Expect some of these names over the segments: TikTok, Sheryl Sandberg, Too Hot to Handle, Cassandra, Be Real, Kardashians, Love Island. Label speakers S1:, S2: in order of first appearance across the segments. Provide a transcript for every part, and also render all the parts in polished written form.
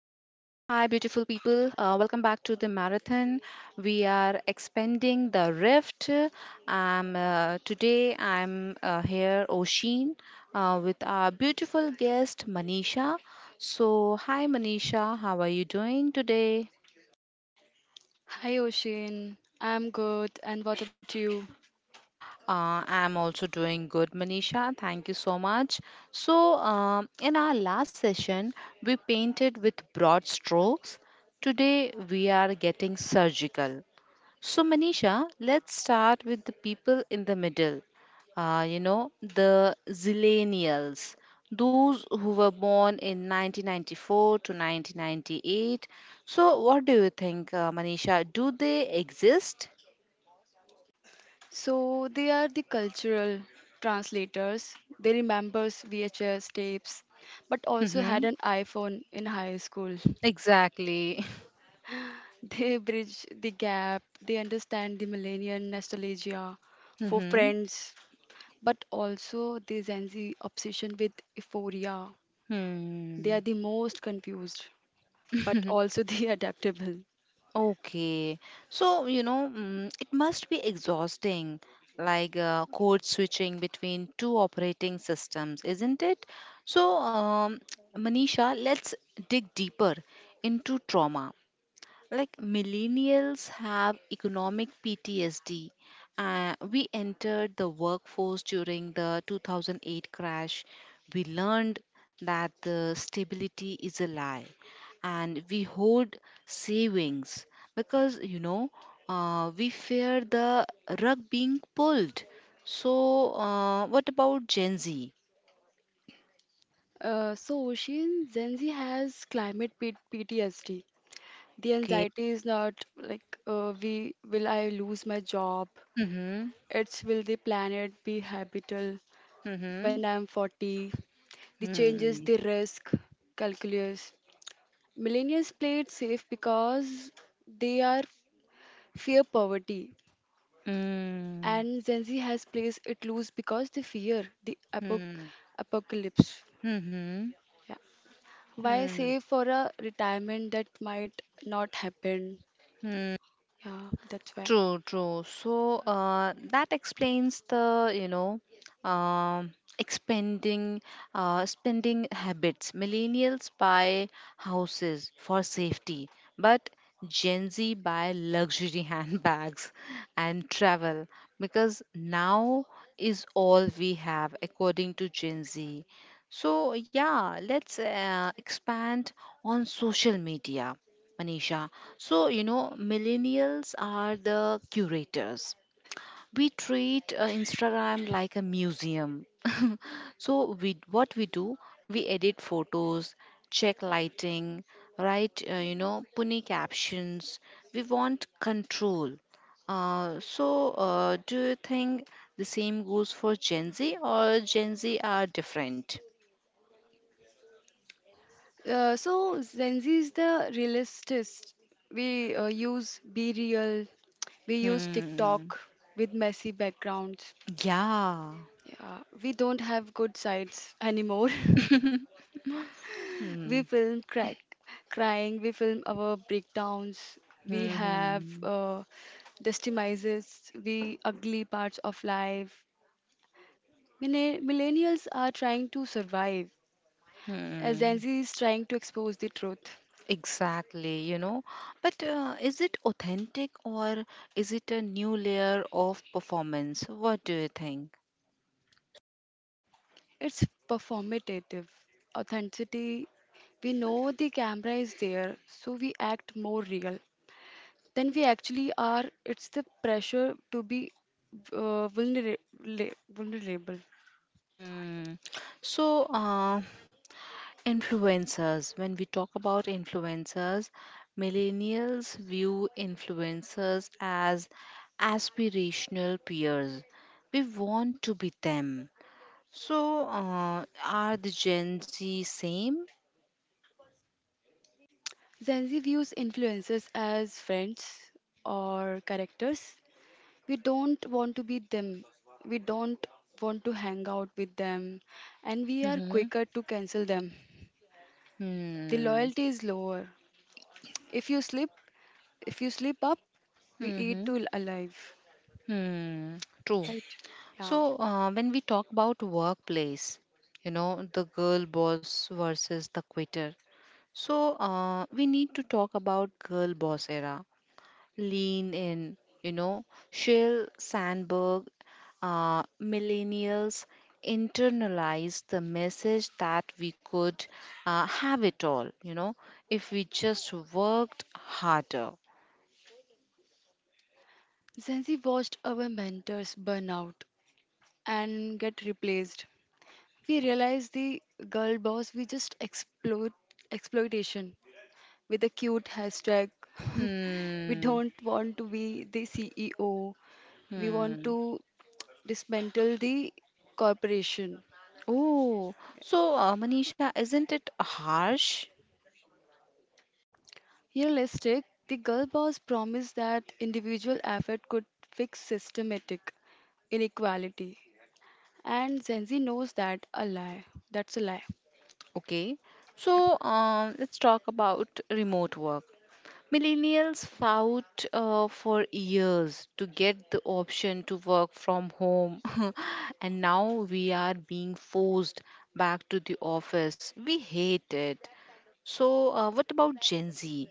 S1: beautiful people. Welcome back to the marathon. We are expanding the rift. Today, I'm here, Oshin, with our beautiful guest, Manisha. So, hi, Manisha. How are you doing today?
S2: Hi Oshin, I'm good, and what about you?
S1: I'm also doing good, Manisha. Thank you so much. So, in our last session, we painted with broad strokes. Today, we are getting surgical. So, Manisha, let's start with the people in the middle. You know, the zillennials, those who were born in 1994 to 1998. So, what do you think, Manisha? Do they exist?
S2: So they are the cultural translators. They remembers VHS tapes but also had
S1: Mm-hmm.
S2: an iPhone in high school.
S1: Exactly.
S2: They bridge the gap. They understand the millennial nostalgia for
S1: Mm-hmm.
S2: friends but also the Gen Z obsession with euphoria. They
S1: Hmm.
S2: are the most confused but also the adaptable.
S1: Okay. So, you know, it must be exhausting, like code switching between two operating systems, isn't it? So, Manisha, let's dig deeper into trauma. Like millennials have economic PTSD. We entered the workforce during the 2008 crash. We learned that the stability is a lie, and we hoard savings because we fear the rug being pulled. So, what about Gen Z?
S2: Ocean, Gen Z has climate PTSD. The
S1: Okay.
S2: anxiety is not like, we will I lose my job?
S1: Mm-hmm.
S2: It's, will the planet be habitable
S1: Mm-hmm.
S2: when I'm 40? The
S1: Mm-hmm.
S2: changes, the risk calculus. Millennials play it safe because they are fear poverty,
S1: Mm-hmm.
S2: and Gen Z has plays it loose because they fear the
S1: Mm-hmm.
S2: apocalypse. Yeah. Why
S1: Mm-hmm.
S2: save for a retirement that might not happen?
S1: Hmm,
S2: Yeah, that's why.
S1: true, true. So that explains the um, expanding spending habits. Millennials buy houses for safety, but Gen Z buy luxury handbags and travel because now is all we have, according to Gen Z. So yeah, let's expand on social media, Manisha. So, you know, millennials are the curators. We treat Instagram like a museum. So, what we do, we edit photos, check lighting, write, punny captions. We want control. So, do you think the same goes for Gen Z or Gen Z are different?
S2: So Gen Z is the realistist. We use Be Real, we use
S1: Hmm.
S2: TikTok with messy backgrounds.
S1: Yeah.
S2: Yeah, we don't have good sides anymore.
S1: Hmm.
S2: We film crack, crying, we film our breakdowns, we have
S1: Hmm.
S2: destimises, we ugly parts of life. Millennials are trying to survive, as
S1: Hmm,
S2: Gen Z is trying to expose the truth.
S1: exactly, you know. But is it authentic or is it a new layer of performance? What do you think?
S2: It's performative authenticity. We know the camera is there, so we act more real than we actually are. It's the pressure to be uh, vulnera- vulnerable.
S1: Hmm. So, influencers, when we talk about influencers, millennials view influencers as aspirational peers. We want to be them. So, are the Gen Z same?
S2: Gen Z views influencers as friends or characters. We don't want to be them. We don't want to hang out with them, and we are
S1: Mm-hmm.
S2: quicker to cancel them. The
S1: Hmm.
S2: loyalty is lower. If you slip, If you sleep up, we eat
S1: Hmm.
S2: to alive,
S1: Hmm, true.
S2: right? Yeah.
S1: So, when we talk about workplace, you know, the girl boss versus the quitter. So, we need to talk about girl boss era. Lean in, you know, Sheryl Sandberg, uh, millennials internalize the message that we could have it all, you know, if we just worked harder.
S2: Since we watched our mentors burn out and get replaced, we realized the girl boss we just exploitation with a cute hashtag. We
S1: Hmm,
S2: don't want to be the CEO. We want
S1: hmm.
S2: to dismantle the corporation.
S1: Oh, so Manisha, isn't it harsh?
S2: Realistic, the girl boss promised that individual effort could fix systematic inequality. And Zenzi knows that a lie. That's a lie.
S1: Okay, so let's talk about remote work. Millennials fought for years to get the option to work from home, and now we are being forced back to the office. We hate it. So, what about Gen Z?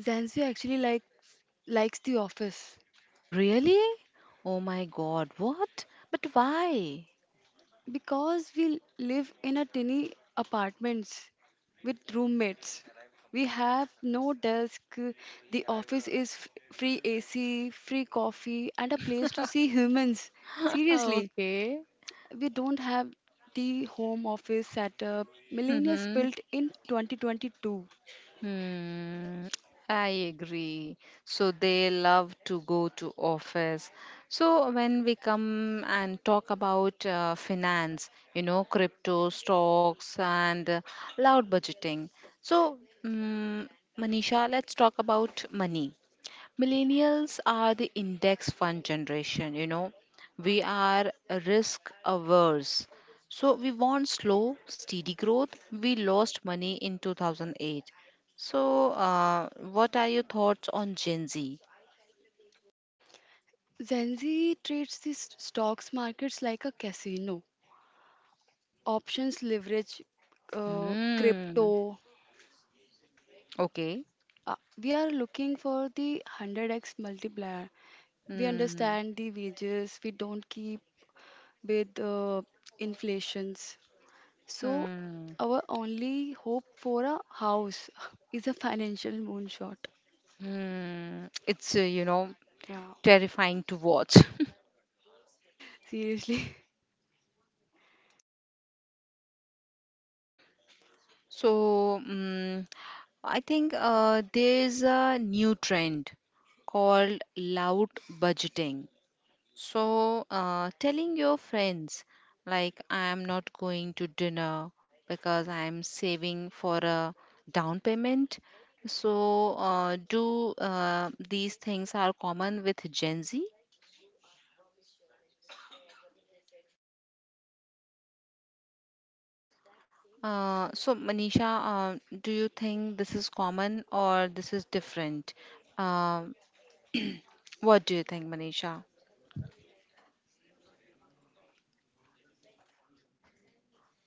S2: Zenzi actually like likes the office
S1: Really? Oh my God, what? But why?
S2: because we live in a tiny apartments with roommates. We have no desk. The office is free AC, free coffee, and a place to see humans. Seriously,
S1: Okay.
S2: we don't have the home office setup millennials
S1: Mm-hmm.
S2: built in 2022.
S1: Hmm, I agree. So they love to go to office. So when we come and talk about finance, you know, crypto, stocks, and loud budgeting. So, mm Manisha, let's talk about money. Millennials are the index fund generation, you know. We are risk averse. So we want slow, steady growth. We lost money in 2008. So, what are your thoughts on Gen Z?
S2: Gen Z treats the stocks markets like a casino. Options leverage,
S1: Hmm.
S2: crypto.
S1: Okay.
S2: Uh, we are looking for the 100x multiplier. We
S1: Hmm.
S2: understand the wages, we don't keep with inflations. So,
S1: Hmm.
S2: our only hope for a house is a financial moonshot.
S1: Hmm. It's,
S2: Yeah,
S1: terrifying to watch.
S2: seriously.
S1: So, I think there's a new trend called loud budgeting. So, telling your friends, like, I am not going to dinner because I am saving for a down payment. So, do these things are common with Gen Z? So, Manisha, do you think this is common or this is different? Um What do you think, Manisha?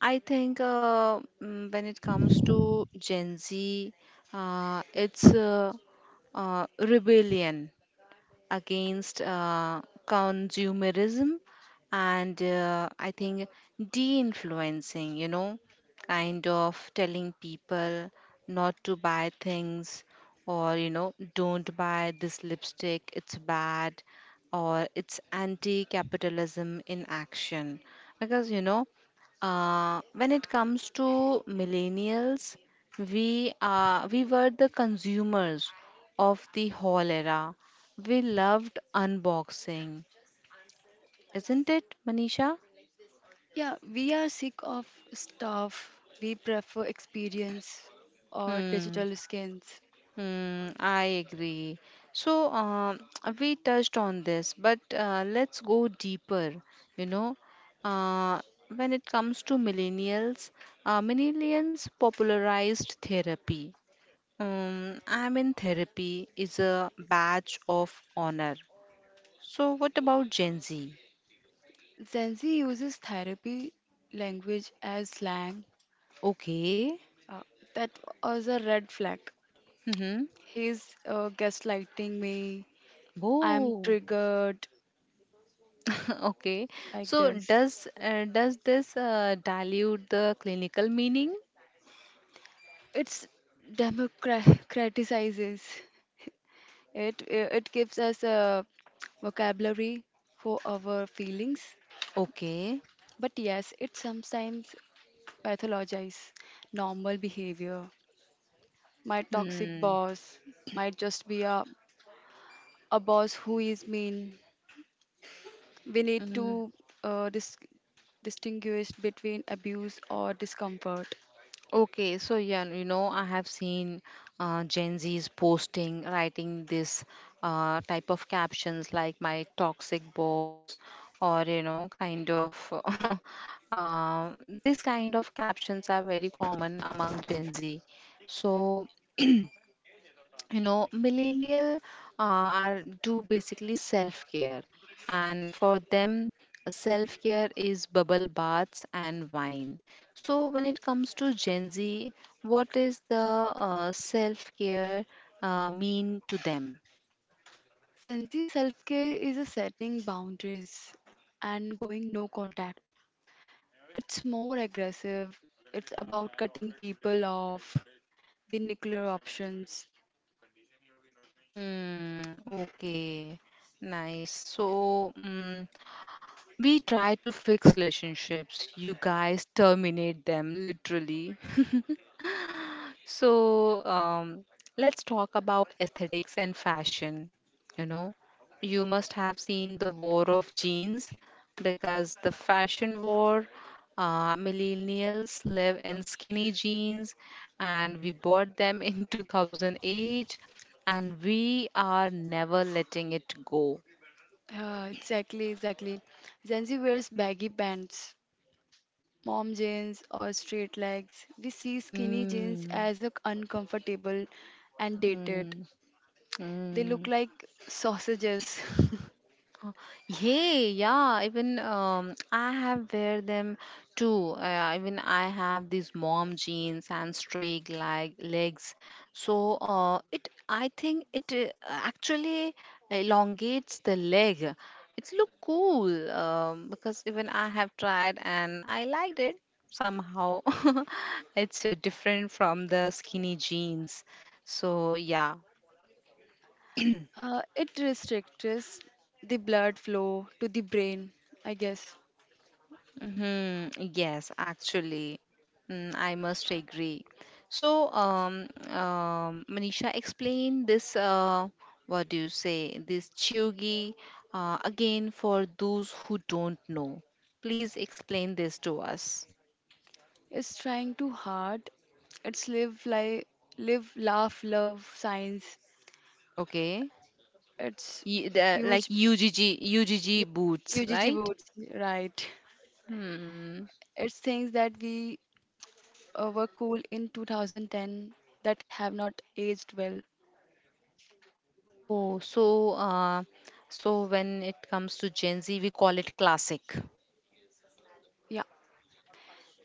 S1: I think when it comes to Gen Z, it's rebellion. Against consumerism, and I think de influencing, you know, kind of telling people not to buy things, or, you know, don't buy this lipstick, it's bad, or it's anti capitalism in action. Because, you know, when it comes to millennials, we were the consumers of the whole era. We loved unboxing, isn't it, Manisha?
S2: Yeah, we are sick of stuff. We prefer experience or
S1: Hmm.
S2: digital skins.
S1: Hmm. I agree. So we touched on this, but let's go deeper. You know, uh, when it comes to millennials, millennials popularized therapy. I'm in therapy is a badge of honor. So what about Gen Z?
S2: Gen Z uses therapy language as slang.
S1: Okay.
S2: Uh, that was a red flag.
S1: Mm-hmm.
S2: He's gaslighting me. I'm
S1: Oh.
S2: triggered
S1: Okay.
S2: like
S1: So
S2: this.
S1: does this dilute the clinical meaning?
S2: It's democratizes it. It gives us a vocabulary for our feelings.
S1: Okay.
S2: But yes, it sometimes pathologize normal behavior. My toxic
S1: Hmm.
S2: boss might just be a boss who is mean. We need
S1: Mm.
S2: to uh, dis- distinguish between abuse or discomfort.
S1: Okay, so yeah, you know, I have seen Gen Z's posting, writing this type of captions like my toxic boss, or you know, kind of uh, this kind of captions are very common among Gen Z. So you know millennial are do basically self care, and for them self care is bubble baths and wine. So when it comes to Gen Z, what is the self care mean to them?
S2: Sensi self care is a setting boundaries and going no contact. It's more aggressive, it's about cutting people off, the nuclear options.
S1: Hmm, okay. Nice. So, we try to fix relationships. You guys terminate them literally. So, let's talk about aesthetics and fashion. You know, you must have seen the war of jeans because the fashion war, millennials live in skinny jeans, and we bought them in 2008 and we are never letting it go.
S2: Yeah, exactly, exactly. Zenzi wears baggy pants, mom jeans or straight legs. We see skinny jeans
S1: Mm,
S2: as a uncomfortable and dated.
S1: mm,
S2: They look
S1: mm.
S2: like sausages.
S1: Uh, Hey, yeah, even I have wear them too. Even I have these mom jeans and straight like legs. So I think it actually elongates the leg. It's look cool, because even I have tried and I liked it somehow. It's different from the skinny jeans. So yeah.
S2: It restricts the blood flow to the brain, I guess.
S1: Hmm, yes, actually, I must agree. So, Manisha, explain this. What do you say? This chiogi, again for those who don't know. Please explain this to us.
S2: It's trying too hard. It's live, laugh, love, science.
S1: Okay,
S2: It's
S1: Like
S2: huge,
S1: UGG boots,
S2: UGG
S1: right?
S2: boots, right?
S1: Hmm.
S2: It's things that we were cool in 2010 that have not aged well.
S1: Oh, so when it comes to Gen Z, we call it classic.
S2: Yeah.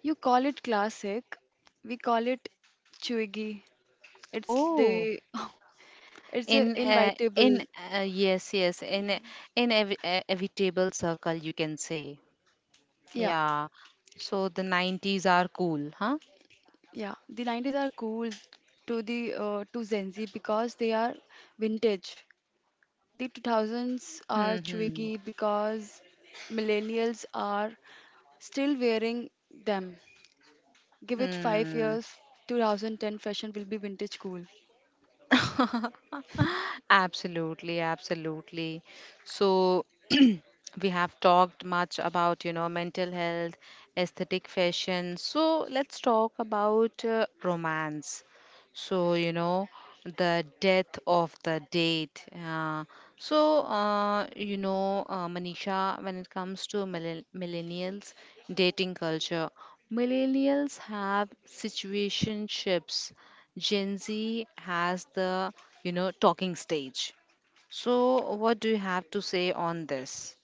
S2: You call it classic. We call it chuggy. It's
S1: Oh,
S2: the it's a
S1: in
S2: invitable.
S1: yes, yes, in a- in ev- evitable circle, you can say.
S2: Yeah,
S1: Yeah, so the 90s are cool, huh.
S2: yeah. The 90s are cool to the to Gen Z because they are vintage. The 2000s are
S1: Hmm, hmm,
S2: chuggy because millennials are still wearing them. Give it five
S1: hmm.
S2: years, 2010 fashion will be vintage cool.
S1: Absolutely, absolutely. So we have talked much about, you know, mental health, aesthetic, fashion. So let's talk about romance. So, you know, the death of the date. So, you know, Manisha, when it comes to millennials dating culture, millennials have situationships. Gen Z has the, you know, talking stage. So, what do you have to say on this?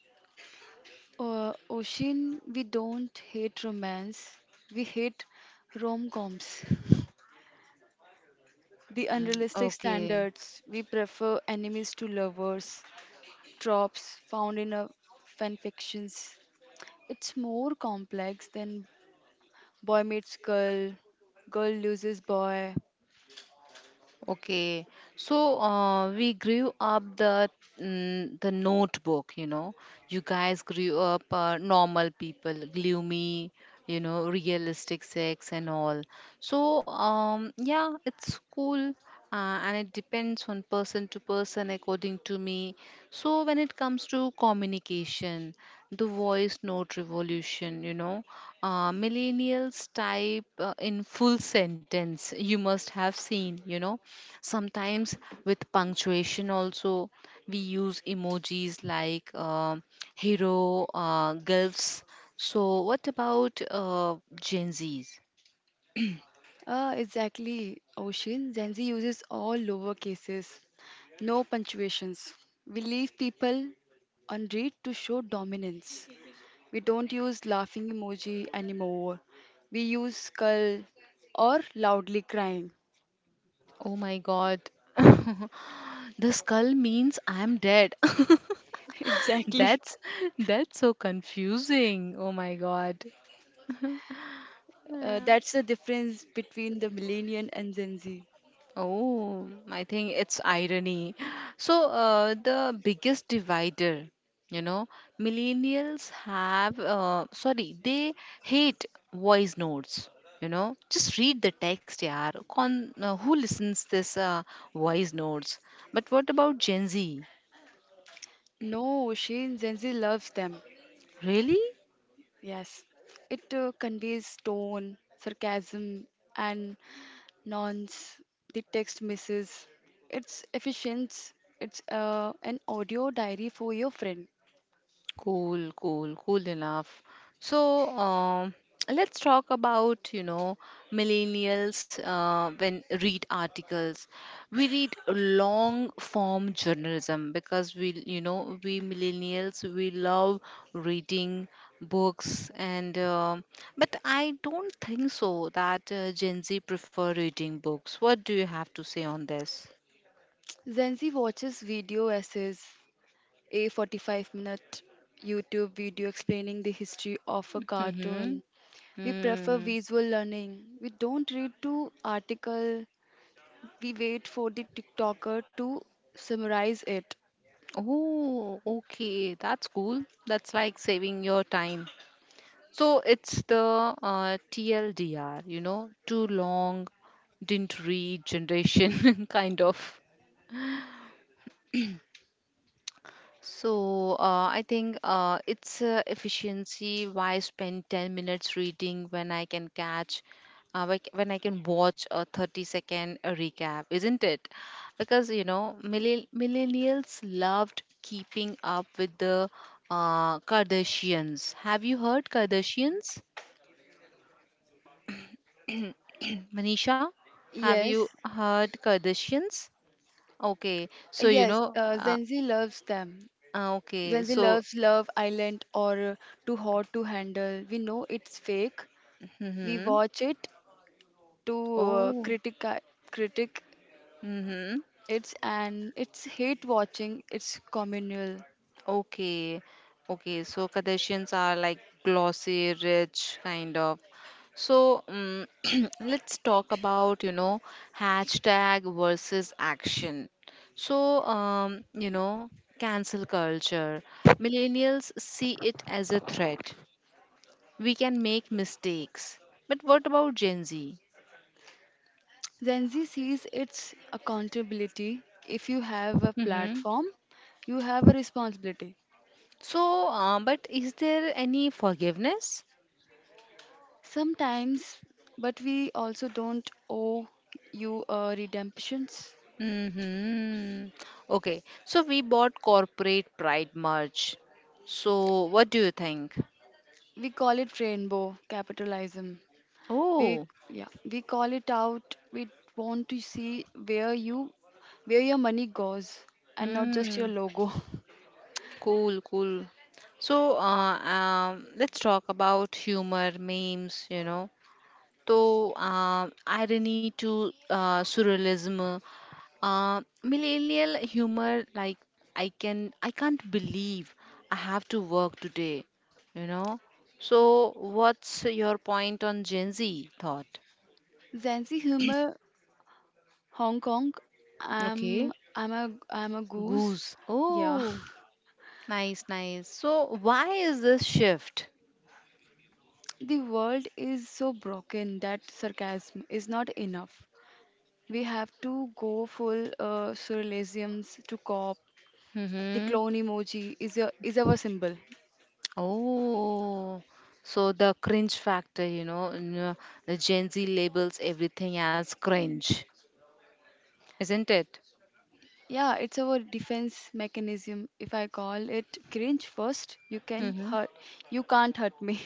S2: Oshin, we don't hate romance. We hate rom-coms. The
S1: Mm,
S2: unrealistic
S1: okay.
S2: standards. We prefer enemies to lovers. Tropes found in a fan fictions. It's more complex than boy meets girl, girl loses boy.
S1: Okay, so we grew up the notebook, you know. You guys grew up normal people, gloomy, you know, realistic sex and all. So yeah, it's cool, and it depends on person to person, according to me. So when it comes to communication, the voice note revolution, you know, millennials type in full sentence, you must have seen, you know, sometimes with punctuation also. We use emojis like hero, gulfs. So what about Gen Z's?
S2: Ah, exactly, Oshin. Gen Z uses all lowercases, no punctuations. We leave people unread to show dominance. We don't use laughing emoji anymore. We use skull or loudly crying.
S1: Oh my god. The skull means I'm dead.
S2: Exactly.
S1: that's that's so confusing. Oh my god. Yeah.
S2: That's the difference between the millennial and Gen Z.
S1: Oh, I think it's irony. So, the biggest divider, you know, millennials have, sorry, they hate voice notes. You know, just read the text, yeah. Who listens this voice notes? But what about Gen Z?
S2: No, Shane, Gen Z loves them.
S1: Really?
S2: Yes. It conveys tone, sarcasm, and nonce. The text misses. It's efficient. It's an audio diary for your friend.
S1: Cool, cool, cool enough. So, let's talk about, you know, millennials when read articles. We read long form journalism because we millennials, we love reading books and but I don't think so that Gen Z prefer reading books. What do you have to say on this?
S2: Gen Z watches video essays, a 45-minute YouTube video explaining the history of a
S1: Mm-hmm.
S2: cartoon. We prefer
S1: Mm-hmm.
S2: visual learning. We don't read to article. We wait for the TikToker to summarize it.
S1: Oh, okay. That's cool. That's like saving your time. So it's the TLDR, you know, too long, didn't read generation kind of. So I think it's efficiency. Why spend 10 minutes reading when I can watch a 30 second recap, isn't it? Because, you know, millennials loved keeping up with the Kardashians. Have you heard Kardashians? Manisha, have you
S2: Yes,
S1: heard Kardashians? Okay, so you
S2: yes,
S1: know,
S2: Gen Z loves them.
S1: okay,
S2: Gen Z
S1: so,
S2: loves Love Island or Too Hot to Handle. We know it's fake. We
S1: hmm,
S2: watch it to
S1: oh,
S2: critic
S1: hmm.
S2: it, and it's hate watching. It's communal.
S1: Okay, okay. So Kardashians are like glossy, rich, kind of. So let's talk about, you know, hashtag versus action. So, you know, cancel culture. Millennials see it as a threat. We can make mistakes. But what about Gen Z?
S2: Gen Z sees its accountability. If you have a
S1: Mm-hmm.
S2: platform, you have a responsibility.
S1: So, but is there any forgiveness?
S2: Sometimes, but we also don't owe you a redemptions.
S1: Mm-hmm. Okay. So we bought corporate pride merch. So what do you think?
S2: We call it rainbow capitalism. We
S1: Oh,
S2: Yeah, we call it out. We want to see where your money goes, and not just your
S1: mm,
S2: logo.
S1: cool, cool. So, let's talk about humor, memes, you know. So, irony to surrealism. Millennial humor like I can't believe I have to work today, you know. So what's your point on Gen Z thought?
S2: Zanzi humor, Hong Kong.
S1: Okay,
S2: I'm a goose.
S1: goose.
S2: Yeah.
S1: Oh, nice, nice. So why is this shift?
S2: The world is so broken that sarcasm is not enough. We have to go full surrealisms to cop. The
S1: Mm-hmm.
S2: clone emoji is our symbol.
S1: Oh, so the cringe factor, you know, the Gen Z labels everything as cringe, isn't it?
S2: Yeah, it's our defense mechanism. If I call it cringe first, you can
S1: Mm-hmm.
S2: hurt. You can't hurt me.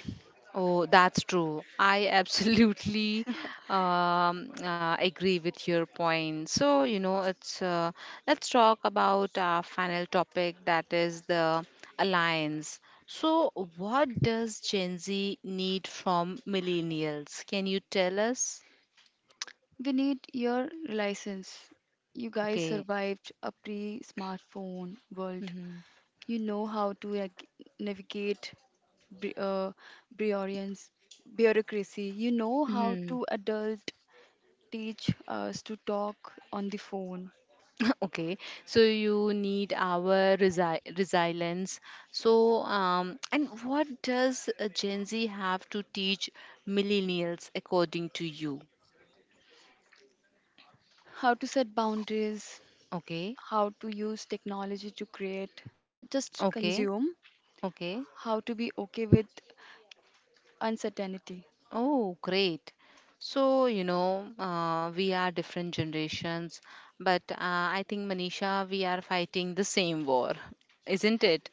S1: Oh, that's true. I absolutely agree with your point. So, you know, it's let's talk about our final topic, that is the alliance. So, what does Gen Z need from millennials? Can you tell us?
S2: We need your license. You guys
S1: Okay.
S2: survived a pre-smartphone world.
S1: Mm-hmm.
S2: You know how to navigate bu- uh, bureaucrats- bureaucracy. You know how
S1: Mm-hmm.
S2: to adult, teach us to talk on the phone,
S1: Okay, so you need our resilience. So, and what does Gen Z have to teach millennials, according to you?
S2: how to set boundaries,
S1: Okay,
S2: how to use technology to create, not just
S1: okay,
S2: consume,
S1: okay.
S2: how to be okay with uncertainty.
S1: Oh, great. So, you know, we are different generations, but I think, Manisha, we are fighting the same war, isn't it?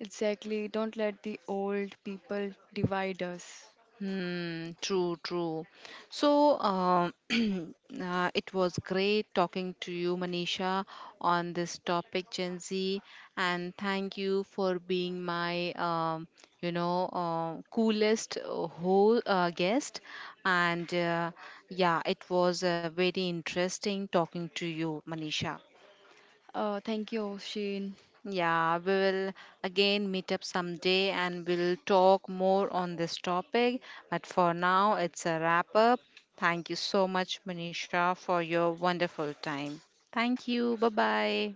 S2: Exactly. Don't let the old people divide us.
S1: Hmm, true, true. So, it was great talking to you, Manisha, on this topic, Gen Z, and thank you for being my, coolest whole guest. And yeah, it was very interesting talking to you, Manisha.
S2: Thank you, Shane.
S1: Yeah, we will again meet up someday and we'll talk more on this topic. But for now, it's a wrap up. Thank you so much, Manisha, for your wonderful time. Thank you. Bye bye.